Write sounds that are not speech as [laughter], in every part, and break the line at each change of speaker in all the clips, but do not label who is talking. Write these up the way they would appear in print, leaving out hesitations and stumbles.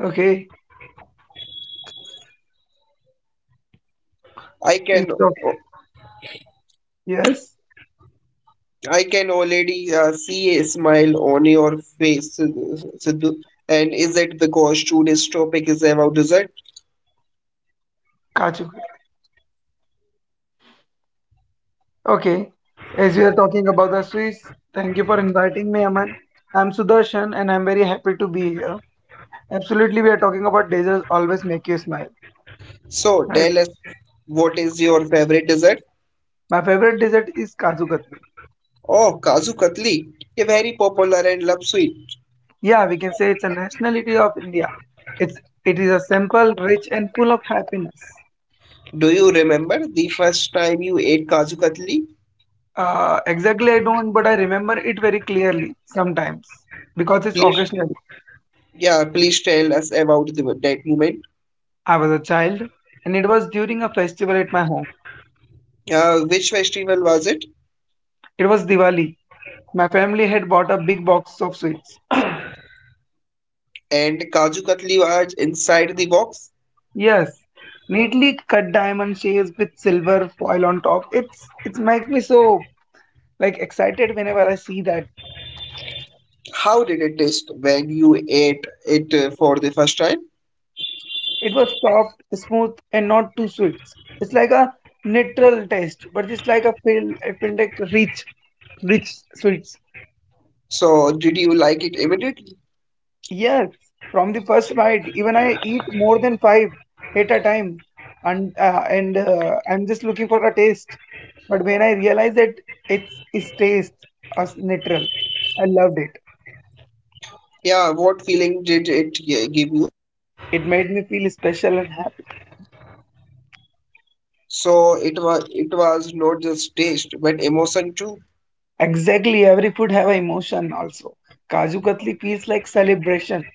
Okay.
I
As
can
of- Yes,
I can already see a smile on your face, Sidhu. And is it because today's topic is about dessert?
Kachuk. Okay. As we are talking about the Swiss, thank you for inviting me, Aman. I'm Sudarshan and I'm very happy to be here. Absolutely, we are talking about deserts always make you smile,
So
right?
tell us what is your favorite dessert?
My favorite dessert is Kaju Katli.
Oh, Kaju Katli, a very popular and loved sweet.
Yeah, we can say it's a nationality of India. It's it is a simple, rich, and full of happiness.
Do you remember the first time you ate Kaju Katli?
Exactly, I don't, but I remember it very clearly sometimes because it's
Please,
occasional.
yeah, please tell us about that moment.
I was a child, and it was during a festival at my home.
Which festival was it?
It was Diwali. My family had bought a big box of sweets.
And Kaju Katli was inside the box.
Yes, neatly cut diamond shapes with silver foil on top. It's make me so like excited whenever I see that.
How did it taste when you ate it for the first time?
It was soft, smooth, and not too sweet. It's like a neutral taste, but it's like a feel I feel like rich, rich sweets.
So, did you like it immediately?
Yes, from the first bite, even I eat more than five at a time, and I'm just looking for a taste. But when I realized that it's its taste as natural, I loved it.
Yeah, what feeling did give you?
It made me feel special and happy.
So, it was not just taste, but emotion too.
Exactly, every food have an emotion also. Kaju Katli feels like celebration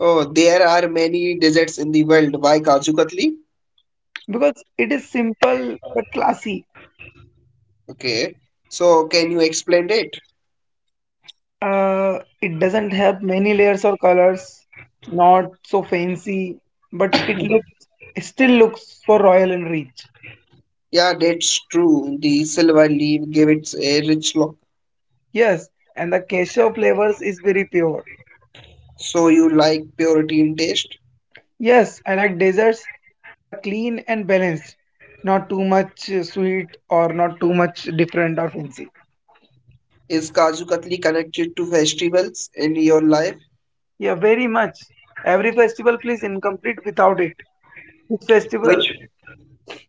Oh, there are many desserts in the world. Why Kaju Katli?
because it is simple but classy.
Okay. So, can you explain it?
It doesn't have many layers or colors, not so fancy, but it still looks so royal and rich.
Yeah, that's true. The silver leaf gave it a rich look.
Yes, and the cashew flavors is very pure.
So, you like purity in taste?
Yes, I like desserts that are clean and balanced, not too much sweet or not too much different or fancy.
Is Kaju Katli connected to festivals in your life?
Yeah, very much. Every festival feels incomplete without it. Which festival?
Which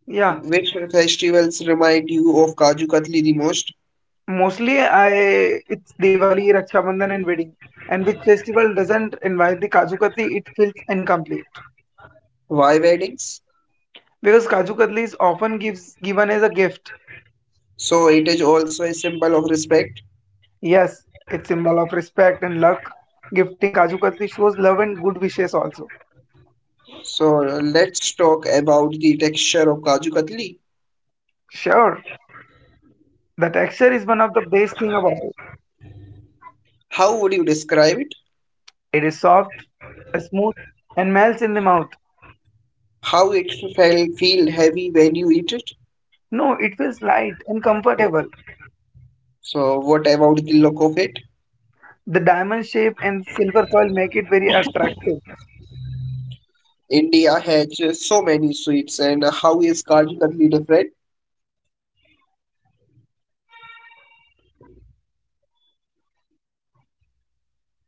Yeah,
which festivals remind you of Kaju Katli the most?
Mostly, I it's Diwali, Raksha Bandhan, and wedding. And which festival doesn't invite the Kaju Katli, it feels incomplete.
Why weddings?
Because Kaju Katli is often gives given as a gift.
So it is also a symbol of respect.
Yes, it's symbol of respect and luck. Gifting Kaju Katli shows love and good wishes also.
So let's talk about the texture of Kaju Katli.
Sure, the texture is one of the best thing about
How would you describe it?
it. It is soft, smooth, and melts in the mouth.
How it felt feel heavy when you eat it?
No, it feels light and comfortable.
So what about the look of it?
The diamond shape and silver foil make it very attractive.
India has so many sweets and how is Kaju Katli different?
Because many sweets are very sweet or oily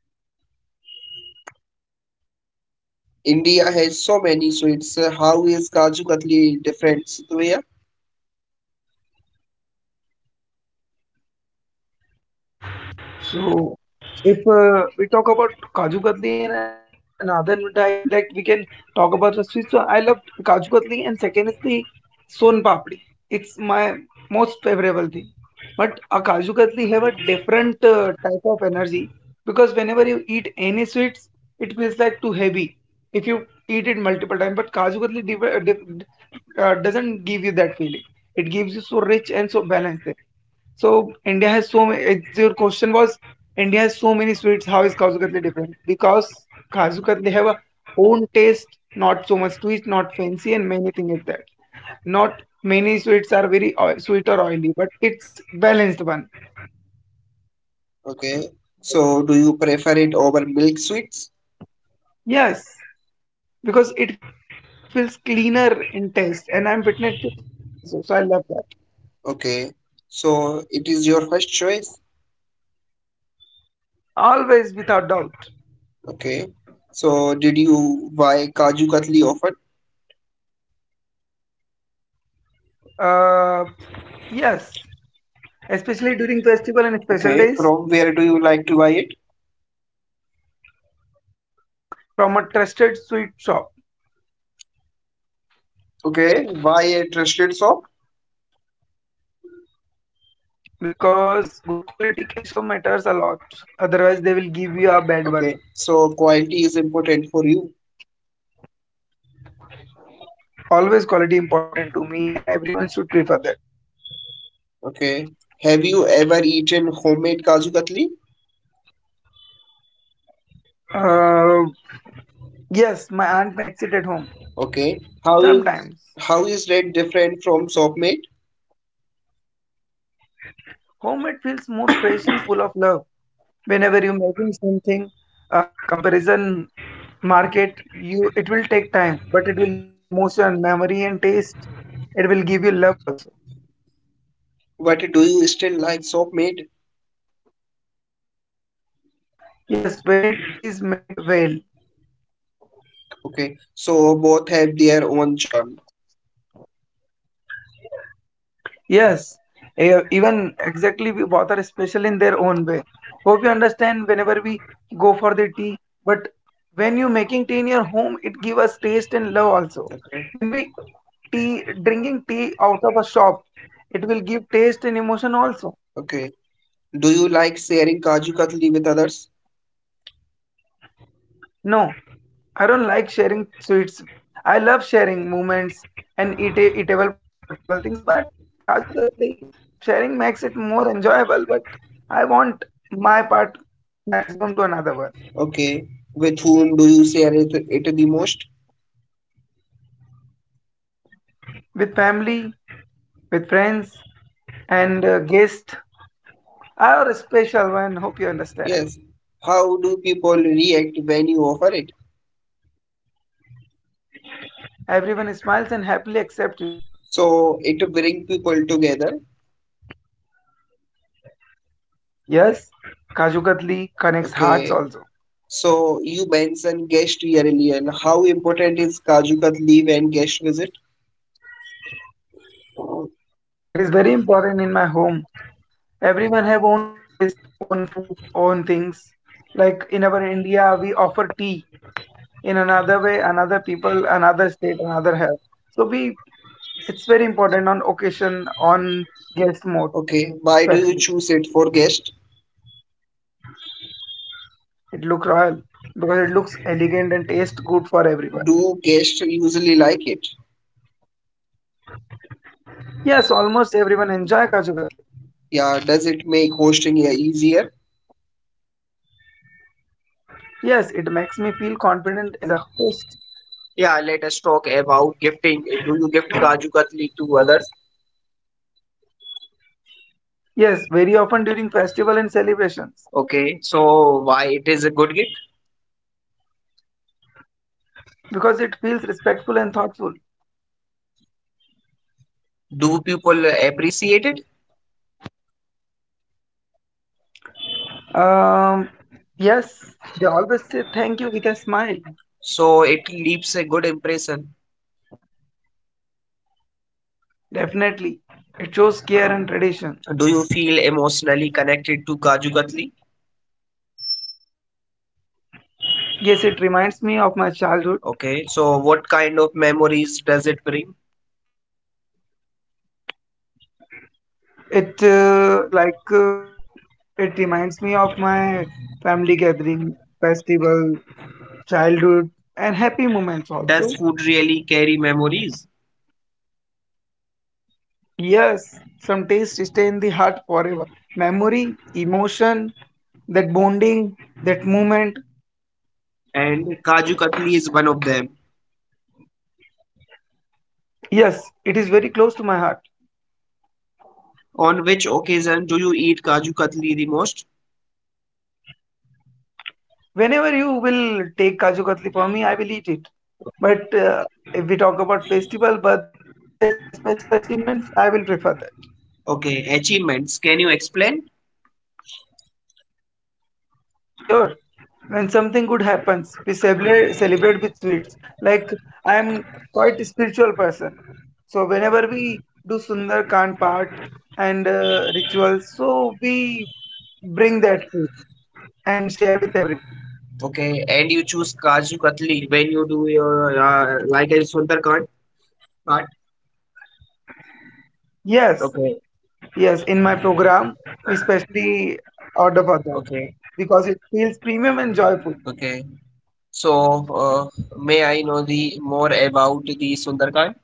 and kaju katli is so different
India has so many, so
comparison
it's
there.
how is Kaju Katli different, Sudhvaya?
So if we talk about kaju katli and another mithai, like we can talk about the sweet, so I love kaju katli, and second is the son papdi. It's my most favorable thing. But a Kaju Katli have a different type of energy because whenever you eat any sweets, it feels like too heavy if you eat it multiple times. But Kaju Katli doesn't give you that feeling. It gives you so rich so balanced. So India has so many. It's, your question was India many sweets. How is Kaju Katli different? Because Kaju Katli have a own taste, not so much twist, not fancy, and many things like that. Not many sweets are very oil, sweet or oily, but it's balanced one.
Okay, so do you prefer it over milk sweets?
Yes, because it feels cleaner in taste, and I'm fitness tips also, so I love that.
Okay, so it is your first choice.
Always, without doubt.
Okay, so did you buy Kaju Katli often?
Uh, yes, especially during festival and special
Okay,
days,
from where do you like to buy it?
from a trusted sweet shop.
Okay, buy a trusted shop.
Because good quality queso matters a lot. Otherwise, they will give you a bad one.
Okay, so quality is important for you.
Always quality important to me, and everyone should prefer that.
Okay, have you ever eaten homemade Kaju Katli?
Uh, yes, my aunt makes it at home.
Okay,
Sometimes
how is that different from shop made?
homemade feels more fresh and full of love. Whenever you're making something, comparison market, you it will take time, but it will give you emotion, memory, and taste. It will give you love also.
But do you still like soap made?
Yes, when it is made well.
Okay, so both have their own charm.
Yes, even exactly we both are special in their own way. Hope you understand whenever we go for the tea. But when you making tea in your home, it give us taste and love also.
Okay.
When we tea drinking tea out of a shop, it will give taste and emotion also.
Okay. Do you like sharing Kaju Katli with others?
No, I don't like sharing sweets. I love sharing moments and eat eatable potable things, but Kaju Katli sharing makes it more enjoyable. But I want my part maximum to another one.
Okay. With whom do you share it the most?
With family, with friends, and guests are a special one. Hope you understand.
Yes. How do people react when you offer it?
Everyone smiles and happily accepts it.
So it bring people together.
Yes, Kaju Katli connects hearts
Okay.
also.
So you mentioned guest yearly and how important is Kaju Katli when guest visit?
It is very important in my home. Everyone have own taste, own food, own things. Like in our India, we offer tea. In another way, another people, another state, another have. So we, it's very important on occasion, on guest mode,
Okay. Why do you
especially.
choose it for guest?
It looks royal because it looks elegant and tastes good for everyone.
Do guests usually like it?
Yes, almost everyone enjoy Kaju Garlic.
Yeah, does it make hosting easier?
Yes, it makes me feel confident as a host.
Yeah, let us talk about gifting. Do you gift Kaju Katli to others?
Yes, very often during festival and celebrations
Okay, so why it is a good gift?
because it feels respectful and thoughtful.
Do people appreciate it?
Um, yes, they always say thank you with a smile.
So it leaves a good impression.
Definitely, it shows care and tradition.
Do you feel emotionally connected to Kaju Katli?
Yes, it reminds me of my childhood.
Okay, so what kind of memories does it bring?
It it reminds me of my family gathering, festival, childhood, and happy moments
Does
also.
food really carry memories?
Yes, some tastes stay in the heart forever. Memory, emotion, that bonding, that moment.
And Kaju Katli is one of them.
Yes, it is very close to my heart.
On which occasion do you eat Kaju Katli the most?
Whenever you will take Kaju Katli for me, I will eat it. But if we talk about festival, birthdays, and special achievements, I will prefer that.
Okay, achievements. Can you explain?
Sure. When something good happens, we celebrate with sweets. Like I am quite a spiritual person, so whenever we do Sundarkand part and rituals,
Okay,
so
and you choose
we
Kaju Katli
bring
when
that
you
food
do your
and share with
like a
everyone.
Sundarkand part.
Yes,
Okay,
yes. In my program, specially order for that
okay,
because it feels premium and joyful.
okay. So, may I know the more about the Sundarkand?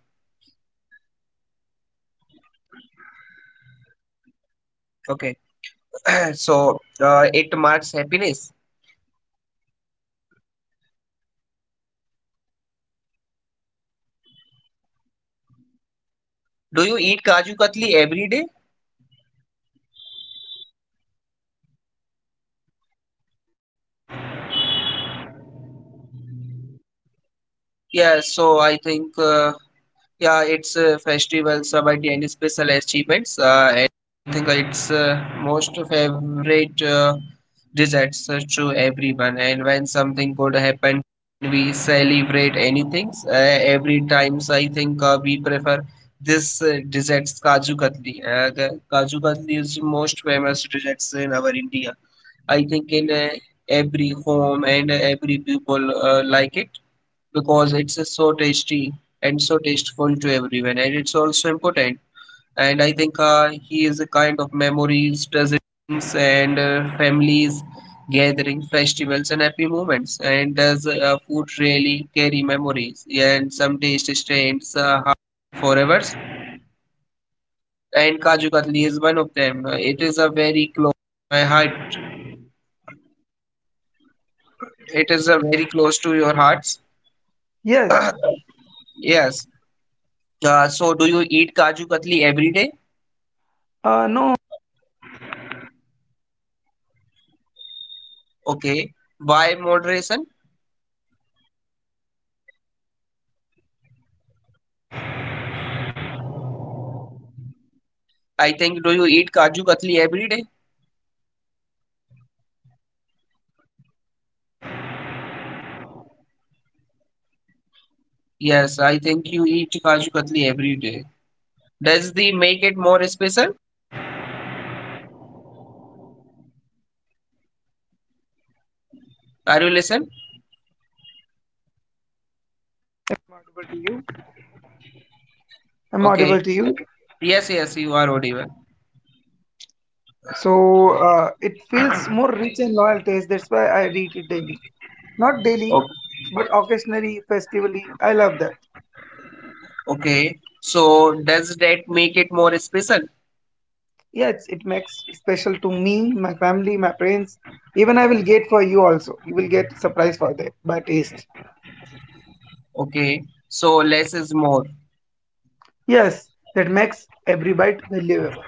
Sure, sure, sure.
Okay.
Sundarkand part is
Yeah,
about
so,
the
it
Ramayana.
marks happiness.
Ramayana is a holy book in which we have seven parts, seven series, in which Lanka Kand, Aranya Kand,
Do you
Kishkinda
eat Kaju
Kand,
Katli
and
every day?
Apartheid Kand, in which a Sundarkand. It it means it's a beautiful story and it's a realistic story. So whenever we do that, we remove over
Yeah.
all
So
these
I
sins
think.
and we make up proudly
Yeah, it's
things and we make a
festivals about the any
purity in
special
us.
achievements.
So everyone
And
should do
I think
that.
it's most
So after
favorite
completing the Sundarkand part,
desserts
we
to
offer
everyone.
tea
And when
and
something good happen,
in the boon,
we
like prasad we
celebrate
call boon.
anything.
So
Every
we
times I think
spread,
we
we
prefer
like shares
this
Kaju Katli.
desserts Kaju Katli. The Kaju Katli is most famous desserts in our India. I think in every home and every people like it because it's so tasty and so tasteful to everyone and it's also important and I think he is a kind of memories presents and families gathering festivals and happy moments. And does food really carry memories? Yeah, and some taste stains forever and Kaju Katli is one of them. It is a very close my heart, it is a very close to your hearts.
Yes,
[coughs] [clears throat] Yes, so do you eat Kaju Katli every day?
no, I'm
Okay. Why moderation? I think do you eat Kaju Katli every day? Yes, I think you eat Kaju Katli every day. Does the make it more special? Are you listen?
audible to you. I'm
Okay.
audible to you.
Yes, yes, you are audible.
So it feels more rich and loyal taste. That's why I read it daily. Not daily,
O-
but occasionally, festively. I love that.
Okay. So does that make it more special?
Yes, it makes special to me, my family, my friends. Even I will get for you also. You will get surprise for that by taste.
Okay. So less is more.
Yes, that makes every bite valuable.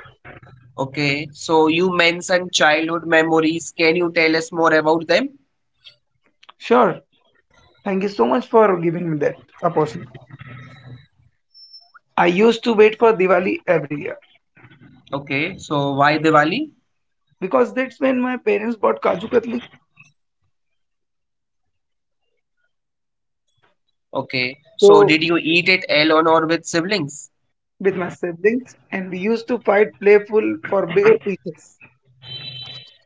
Okay. So you mentioned childhood memories. Can you tell us more about them?
Sure. Thank you so much for giving me that opportunity. I used to wait for Diwali every year.
Okay. So why Diwali?
Because that's when my parents bought Kaju Katli.
Okay. So
So
did you eat it alone or with siblings?
with my siblings, and we used to fight playful for bigger pieces.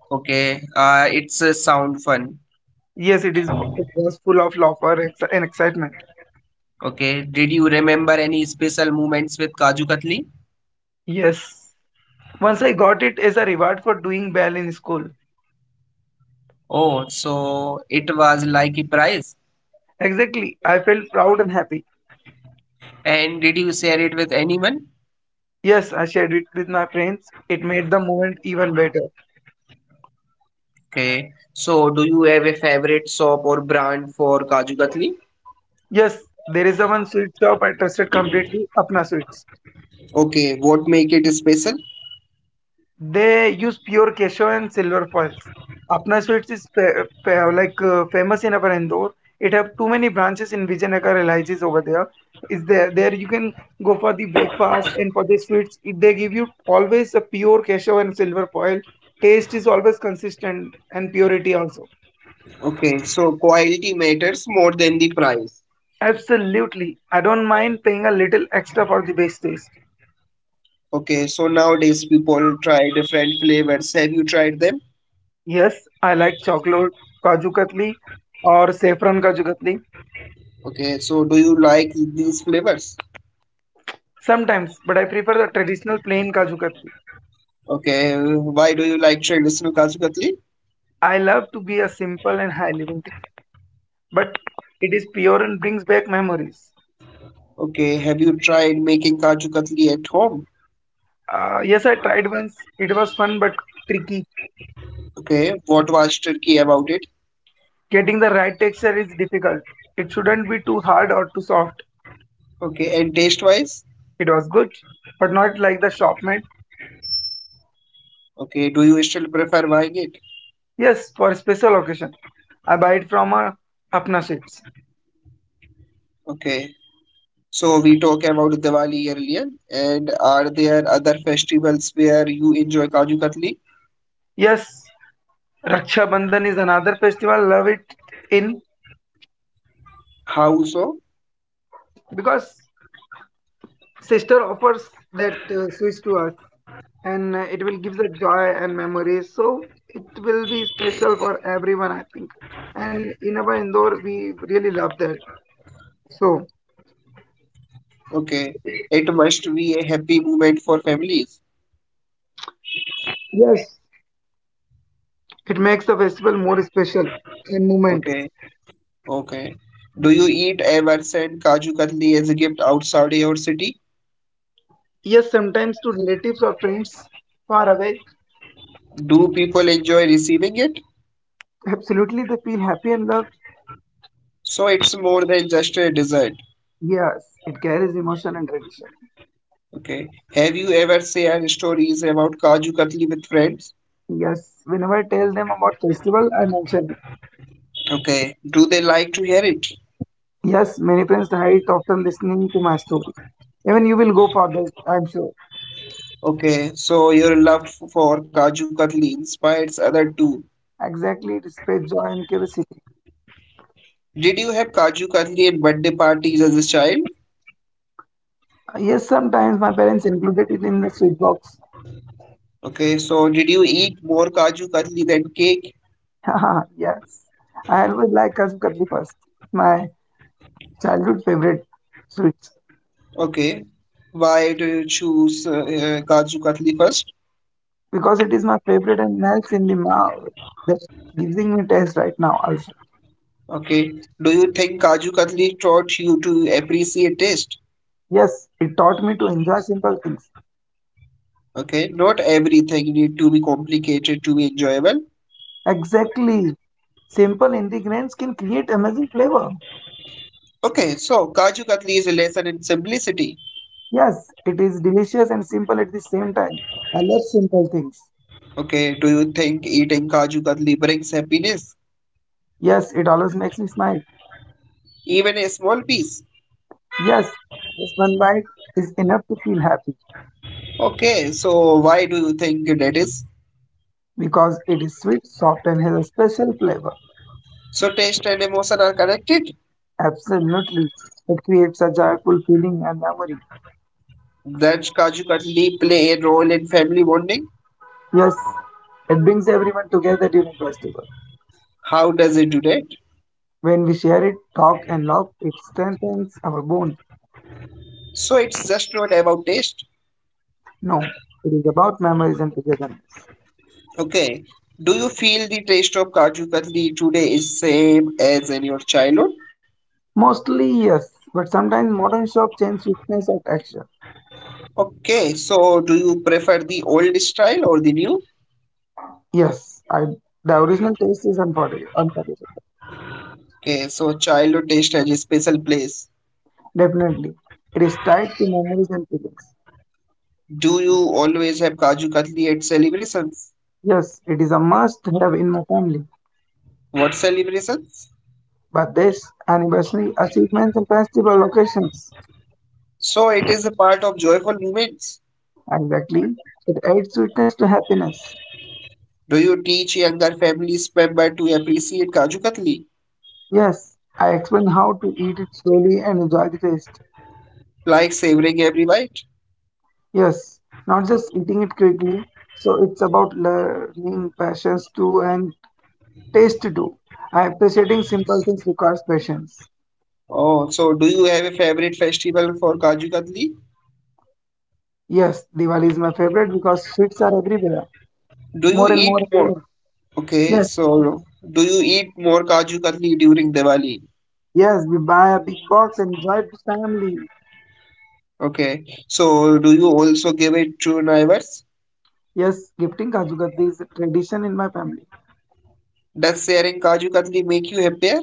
Okay, it's a sound fun.
Yes, it is. It was full of laughter and excitement.
Okay, did you remember any special moments with Kaju Katli?
Yes. Once I got it as a reward for doing well in school.
Oh, so it was like a prize.
Exactly. I felt proud and happy.
And did you share it with anyone?
Yes, I shared it with my friends. It made the moment even better.
Okay, so do you have a favorite shop or brand for Kaju Katli?
Yes, there is a one sweet shop I trusted completely, Apna Sweets.
Okay, what make it special?
They use pure cashew and silver foils. Apna Sweets is famous in our Indore. It have too many branches in Vijayanagar LIGs over there. Is there there you can go for the breakfast and for the sweets. They give you always a pure cashew and silver foil. Taste is always consistent and purity also.
Okay, so quality matters more than the price.
Absolutely. I don't mind paying a little extra for the base taste.
Okay, so nowadays people try different flavors. Have you tried them?
Yes, I like chocolate kaju katli or saffron kaju katli.
Okay, so do you like these flavors?
Sometimes, but I prefer the traditional plain Kaju Katli.
Okay, why do you like traditional Kaju Katli?
I love to be a simple and high living thing, but it is pure and brings back memories.
Okay, have you tried making Kaju Katli at home?
Yes, I tried once. It was fun but tricky.
Okay, what was Turkey about it?
Getting the right texture is difficult. It shouldn't be too hard or too soft.
Okay, and taste wise?
It was good, but not like the shop made.
Okay, do you still prefer buying it?
Yes, for a special occasion. I buy it from a Apna Sweets.
Okay, so we talked about Diwali earlier, and are there other festivals where you enjoy Kaju Katli?
Yes, Raksha Bandhan is another festival. Love it in
How so?
because Sister offers that switch to us, and it will give the joy and memories. So it will be special for everyone, I think. And in our Indore, we really love that. So
Okay, it must be a happy moment for families.
yes, it makes the festival more special and moment.
Okay, okay. Do you eat ever send Kaju Katli as a gift outside your city?
Yes, sometimes to relatives or friends far away,
Do people enjoy receiving it?
absolutely they feel happy and loved.
So it's more than just a dessert.
Yes, it carries emotion and tradition.
Okay. Have you ever shared stories about Kaju Katli with friends?
Yes, whenever I tell them about festival, I mention it.
Okay. Do they like to hear it?
Yes, many friends hide after listening to my story. Even you will go for that, I'm sure.
Okay. So your love for Kaju Katli inspires others too.
Exactly, it spreads joy and curiosity.
Did you have Kaju Katli in birthday parties as a child?
Yes, sometimes my parents included it in the sweet box.
Okay. So did you eat more Kaju Katli than cake?
[laughs] Haha, yes. I always like Kasp Katli first. It's my childhood favorite sweet
Okay. Why do you choose Kaju Katli first?
because it is my favorite and melts in the mouth. That's giving me taste right now also.
Okay. Do you think Kaju Katli taught you to appreciate taste?
Yes, it taught me to enjoy simple things.
Okay. Not everything need to be complicated to be enjoyable.
Exactly. Simple ingredients can create amazing flavor.
Okay. So Kaju Katli is a lesson in simplicity.
Yes, it is delicious and simple at the same time. I love simple things.
Okay. Do you think eating Kaju Katli brings happiness?
Yes, it always makes me smile.
Even a small piece.
Yes, just one bite is enough to feel happy
Okay. So why do you think that is?
because it is sweet, soft, and has a special flavor.
So taste and emotion are connected.
Absolutely. It creates a joyful feeling and memory.
Does Kaju Katli play a role in family bonding?
Yes, it brings everyone together during festival.
How does it do that?
When we share it, talk, and laugh, it strengthens our bond.
So it's just not about taste.
No, it is about memories and togetherness.
Okay. Do you feel the taste of Kaju Katli today is same as in your childhood?
Mostly yes, but sometimes modern shops change sweetness or texture.
Okay, so do you prefer the old style or the new?
Yes, I the original taste is unforgettable.
Okay, so childhood taste has a special place.
Definitely. It is tied to memories and feelings.
Do you always have Kaju Katli at celebrations?
Yes, it is a must have in my family.
What celebrations?
But this anniversary, achievements, and festival occasions.
So it is a part of joyful moments.
Exactly. It adds sweetness to happiness.
Do you teach younger families member to appreciate Kaju Katli,
Yes, I explain how to eat it slowly and enjoy the taste.
like savoring every bite?
Yes, not just eating it quickly. So it's about learning patience too and taste too. I appreciating simple things requires patience.
Oh, so do you have a favorite festival for Kaju Katli?
Yes, Diwali is my favorite because sweets are everywhere.
Do you
More and more
eat
and
more?
more.
Okay,
Yes,
so do you eat more Kaju Katli during Diwali?
yes, we buy a big box and drive to family.
Okay, so do you also give it to neighbors?
Yes, gifting Kaju Katli is a tradition in my family.
Does sharing Kaju Katli make you happier?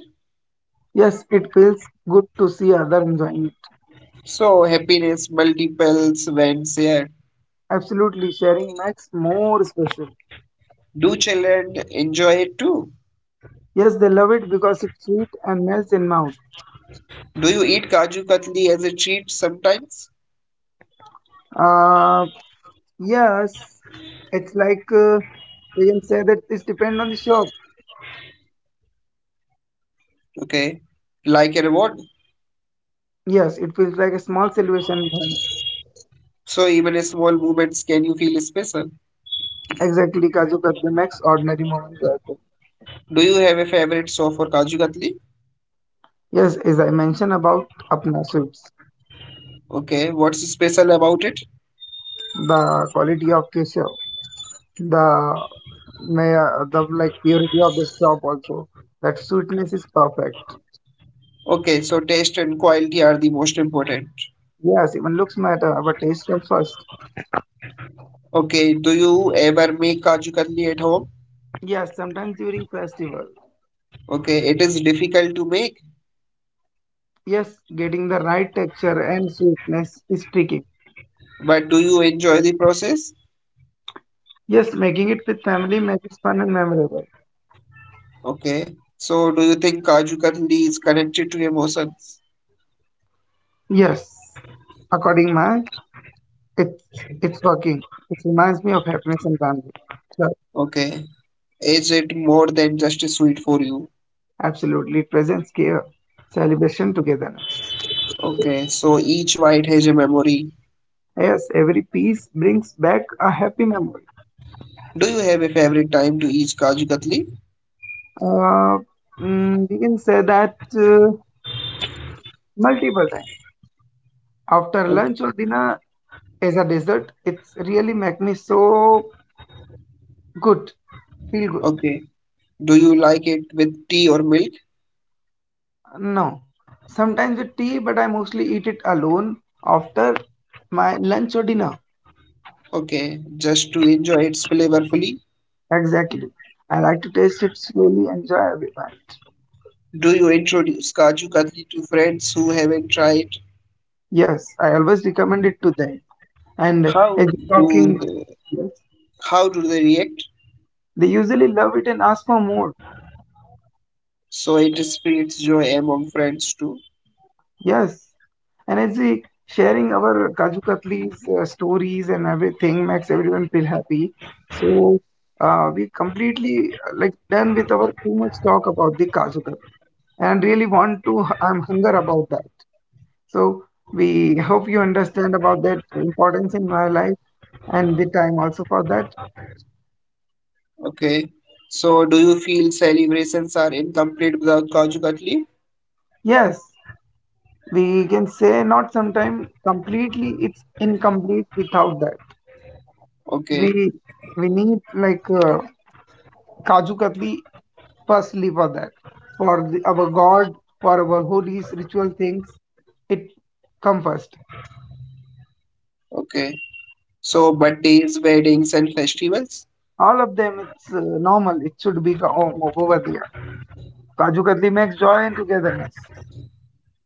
Yes, it feels good to see other enjoying it.
So happiness multiples when shared.
Absolutely, sharing makes more special.
Do children enjoy it too?
Yes, they love it because it's sweet and melts in mouth.
Do you eat Kaju Katli as a treat sometimes?
Uh, yes, it's like we can say that it's depend on the shop.
Okay, like a reward.
Yes, it feels like a small celebration.
So even small moments can you feel special?
Exactly, Kaju Kattu makes ordinary moments joyful.
Do you have a favorite sauce for Kaju Katli?
Yes, as I mentioned about Apna Sweets,
Okay, what's special about it?
the quality of keshav, the may the like purity of the shop also. That sweetness is perfect.
Okay, so taste and quality are the most important.
Yes, even looks matter, but taste comes first.
Okay, do you ever make Kaju Katli at home?
Yes, sometimes during festival.
Okay, it is difficult to make,
Yes, getting the right texture and sweetness is tricky.
but do you enjoy the process?
Yes, making it with family makes it fun and memorable.
Okay, so do you think Kaju Katli is connected to emotions?
Yes, according my It's working. It reminds me of happiness and family. Sure,
Okay, is it more than just a sweet for you?
absolutely. It presents care, celebration, togetherness.
Okay, so each bite has a memory.
Yes, every piece brings back a happy memory.
Do you have a favorite time to eat Kaju Katli?
Uh, we can say that multiple times. After
Okay,
lunch or dinner as a dessert, it's really make me so good, feel good.
okay. Do you like it with tea or milk?
No, sometimes with tea, but I mostly eat it alone after my lunch or dinner.
Okay, just to enjoy its flavorfully.
Exactly. I like to taste it slowly, enjoy every bite.
Do you introduce Kaju Katli to friends who haven't tried?
Yes, I always recommend it to them. And as
How
you're
do
talking, yes,
how do they react?
they usually love it and ask for more.
So it spreads joy among friends too.
Yes. And as we sharing our Kaju Katli's stories and everything makes everyone feel happy. So we completely like done with our too much talk about the Kaju Katli. And really want to, [laughs] I'm hunger about that. So we hope you understand about that importance in my life and the time also for that.
Okay. So do you feel celebrations are incomplete without Kaju Katli?
Yes, we can say not sometime completely it's incomplete without that.
Okay.
We we need like Kaju Katli firstly for that for the, our God for our holies ritual things it come first.
Okay. So birthdays, weddings, and festivals.
All of them it's normal. It should be over there. Kaju Katli makes joy and togetherness.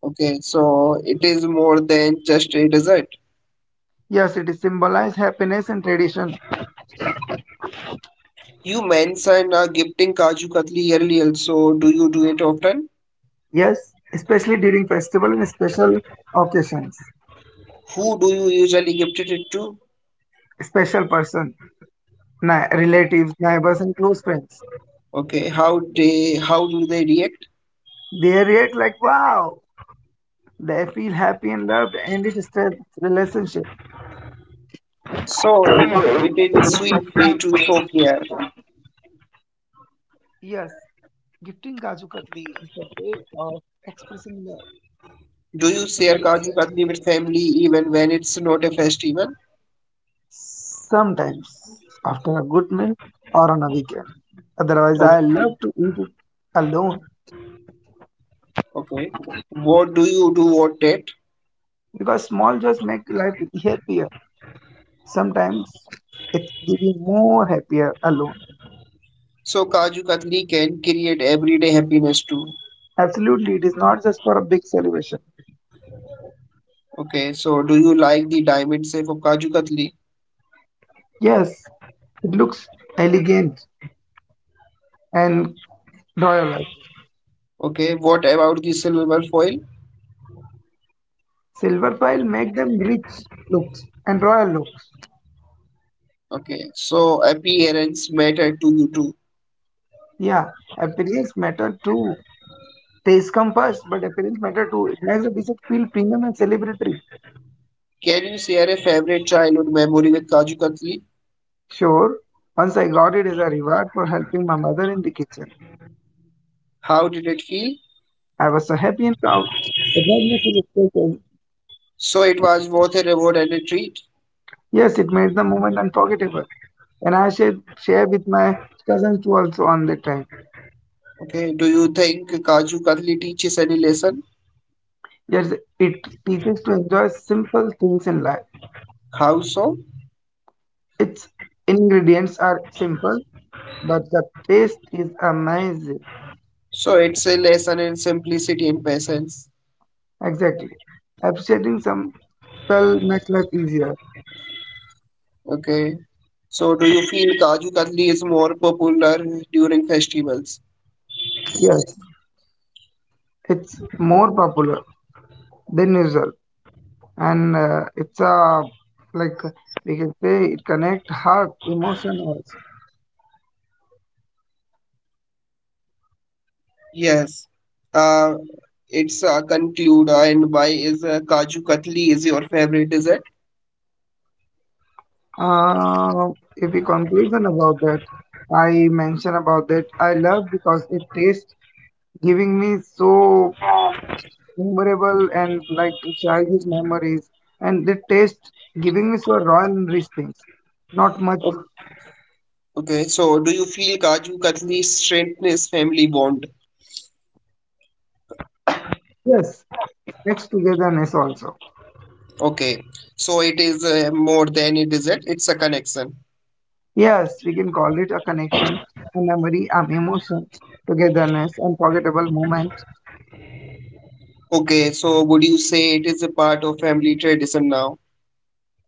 Okay. So it is more than just a dessert.
Yes, it symbolizes happiness and tradition.
You mentioned gifting Kaju Katli earlier. So do you do it often?
Yes, especially during festival and special occasions.
Who do you usually gift it to?
Special person, relatives, neighbors, and close friends.
Okay, how they, how do they react?
They react like, wow, they feel happy and loved, and it strengthens relationship.
So it is a sweet way to show care.
Yes, gifting Kaju Katli is a way of expressing love.
Do you share Kaju Katli with family even when it's not a festival?
Sometimes after a good meal or on a weekend. Otherwise,
Okay,
I love to eat it alone
okay. What do you do, what that?
because small joys make life happier. Sometimes it's even more happier alone.
So Kaju Katli can create everyday happiness too.
Absolutely, it is not just for a big celebration.
Okay, so do you like the diamond shape of Kaju Katli?
Yes, it looks elegant and royal. Also.
Okay, what about the silver foil?
Silver foil make them rich looks and royal looks.
Okay, so appearance matter to you too.
Yeah, appearance matter too. Taste come first, but appearance matter too. It makes the visit feel premium and celebratory.
Can you share a favorite childhood memory with Kaju Katli?
Sure, once I got it as a reward for helping my mother in the kitchen.
How did it feel?
I was so happy and proud. It made me feel special.
So it was both a reward and a treat.
Yes, it made the moment unforgettable. And I should share with my cousins too also on that time.
Okay, do you think Kaju Katli teaches any lesson?
Yes, it teaches to enjoy simple things in life.
How so?
Its ingredients are simple, but the taste is amazing.
So it's a lesson in simplicity and patience.
Exactly. Appreciating some well makes life easier.
Okay. So do you feel Kaju Katli is more popular during festivals?
Yes, it's more popular than usual, and it's a like we can say it connect heart, emotion also.
Yes. Uh, it's conclude and why is Kaju Katli is your favorite dessert?
Uh, if we conclusion about that, I mention about that I love because it tastes giving me so memorable and like childish memories, and the taste giving me so royal and rich things. Not much,
Okay. Okay. So do you feel Kaju Katli strengthens family bond?
yes, next togetherness also.
Okay, so it is more than a dessert; it's a connection.
Yes, we can call it a connection, a memory, an emotion, togetherness, unforgettable moment.
Okay, so would you say it is a part of family tradition now?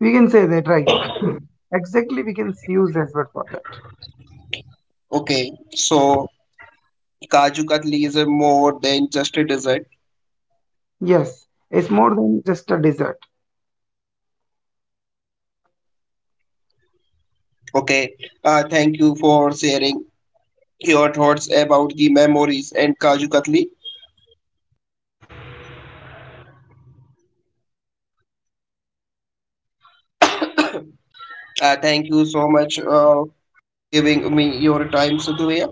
We can say that, right? Exactly, we can use that word for that.
Okay, so Kaju Katli is a more than just a dessert.
Yes, it's more than just a dessert.
Okay, thank you for sharing your thoughts about the memories and Kaju Katli. Thank you so much giving me your time, Sudhir.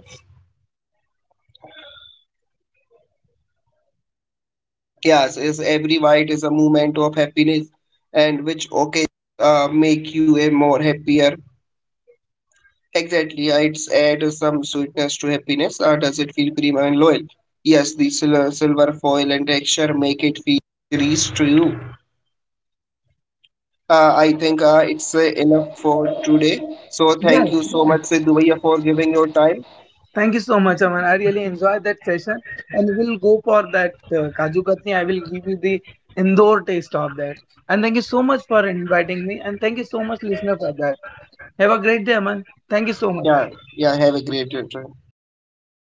Yes, is every bite is a moment of happiness and which okay make you a more happier. Exactly, yeah, it's add some sweetness to happiness, or does it feel creamy and loyal? Yes, silver foil and texture make it feel rich to you. I think it's enough for today. So thank
Yes,
you so much, Sidhu Bhaiya, for giving your time.
thank you so much, Aman. I really enjoyed that session, and we'll go for that Kaju Katni. I will give you the Indore taste of that. And thank you so much for inviting me, and thank you so much, listener, for that. Have a great day, Aman. Thank you so much.
Yeah, yeah, have a great day.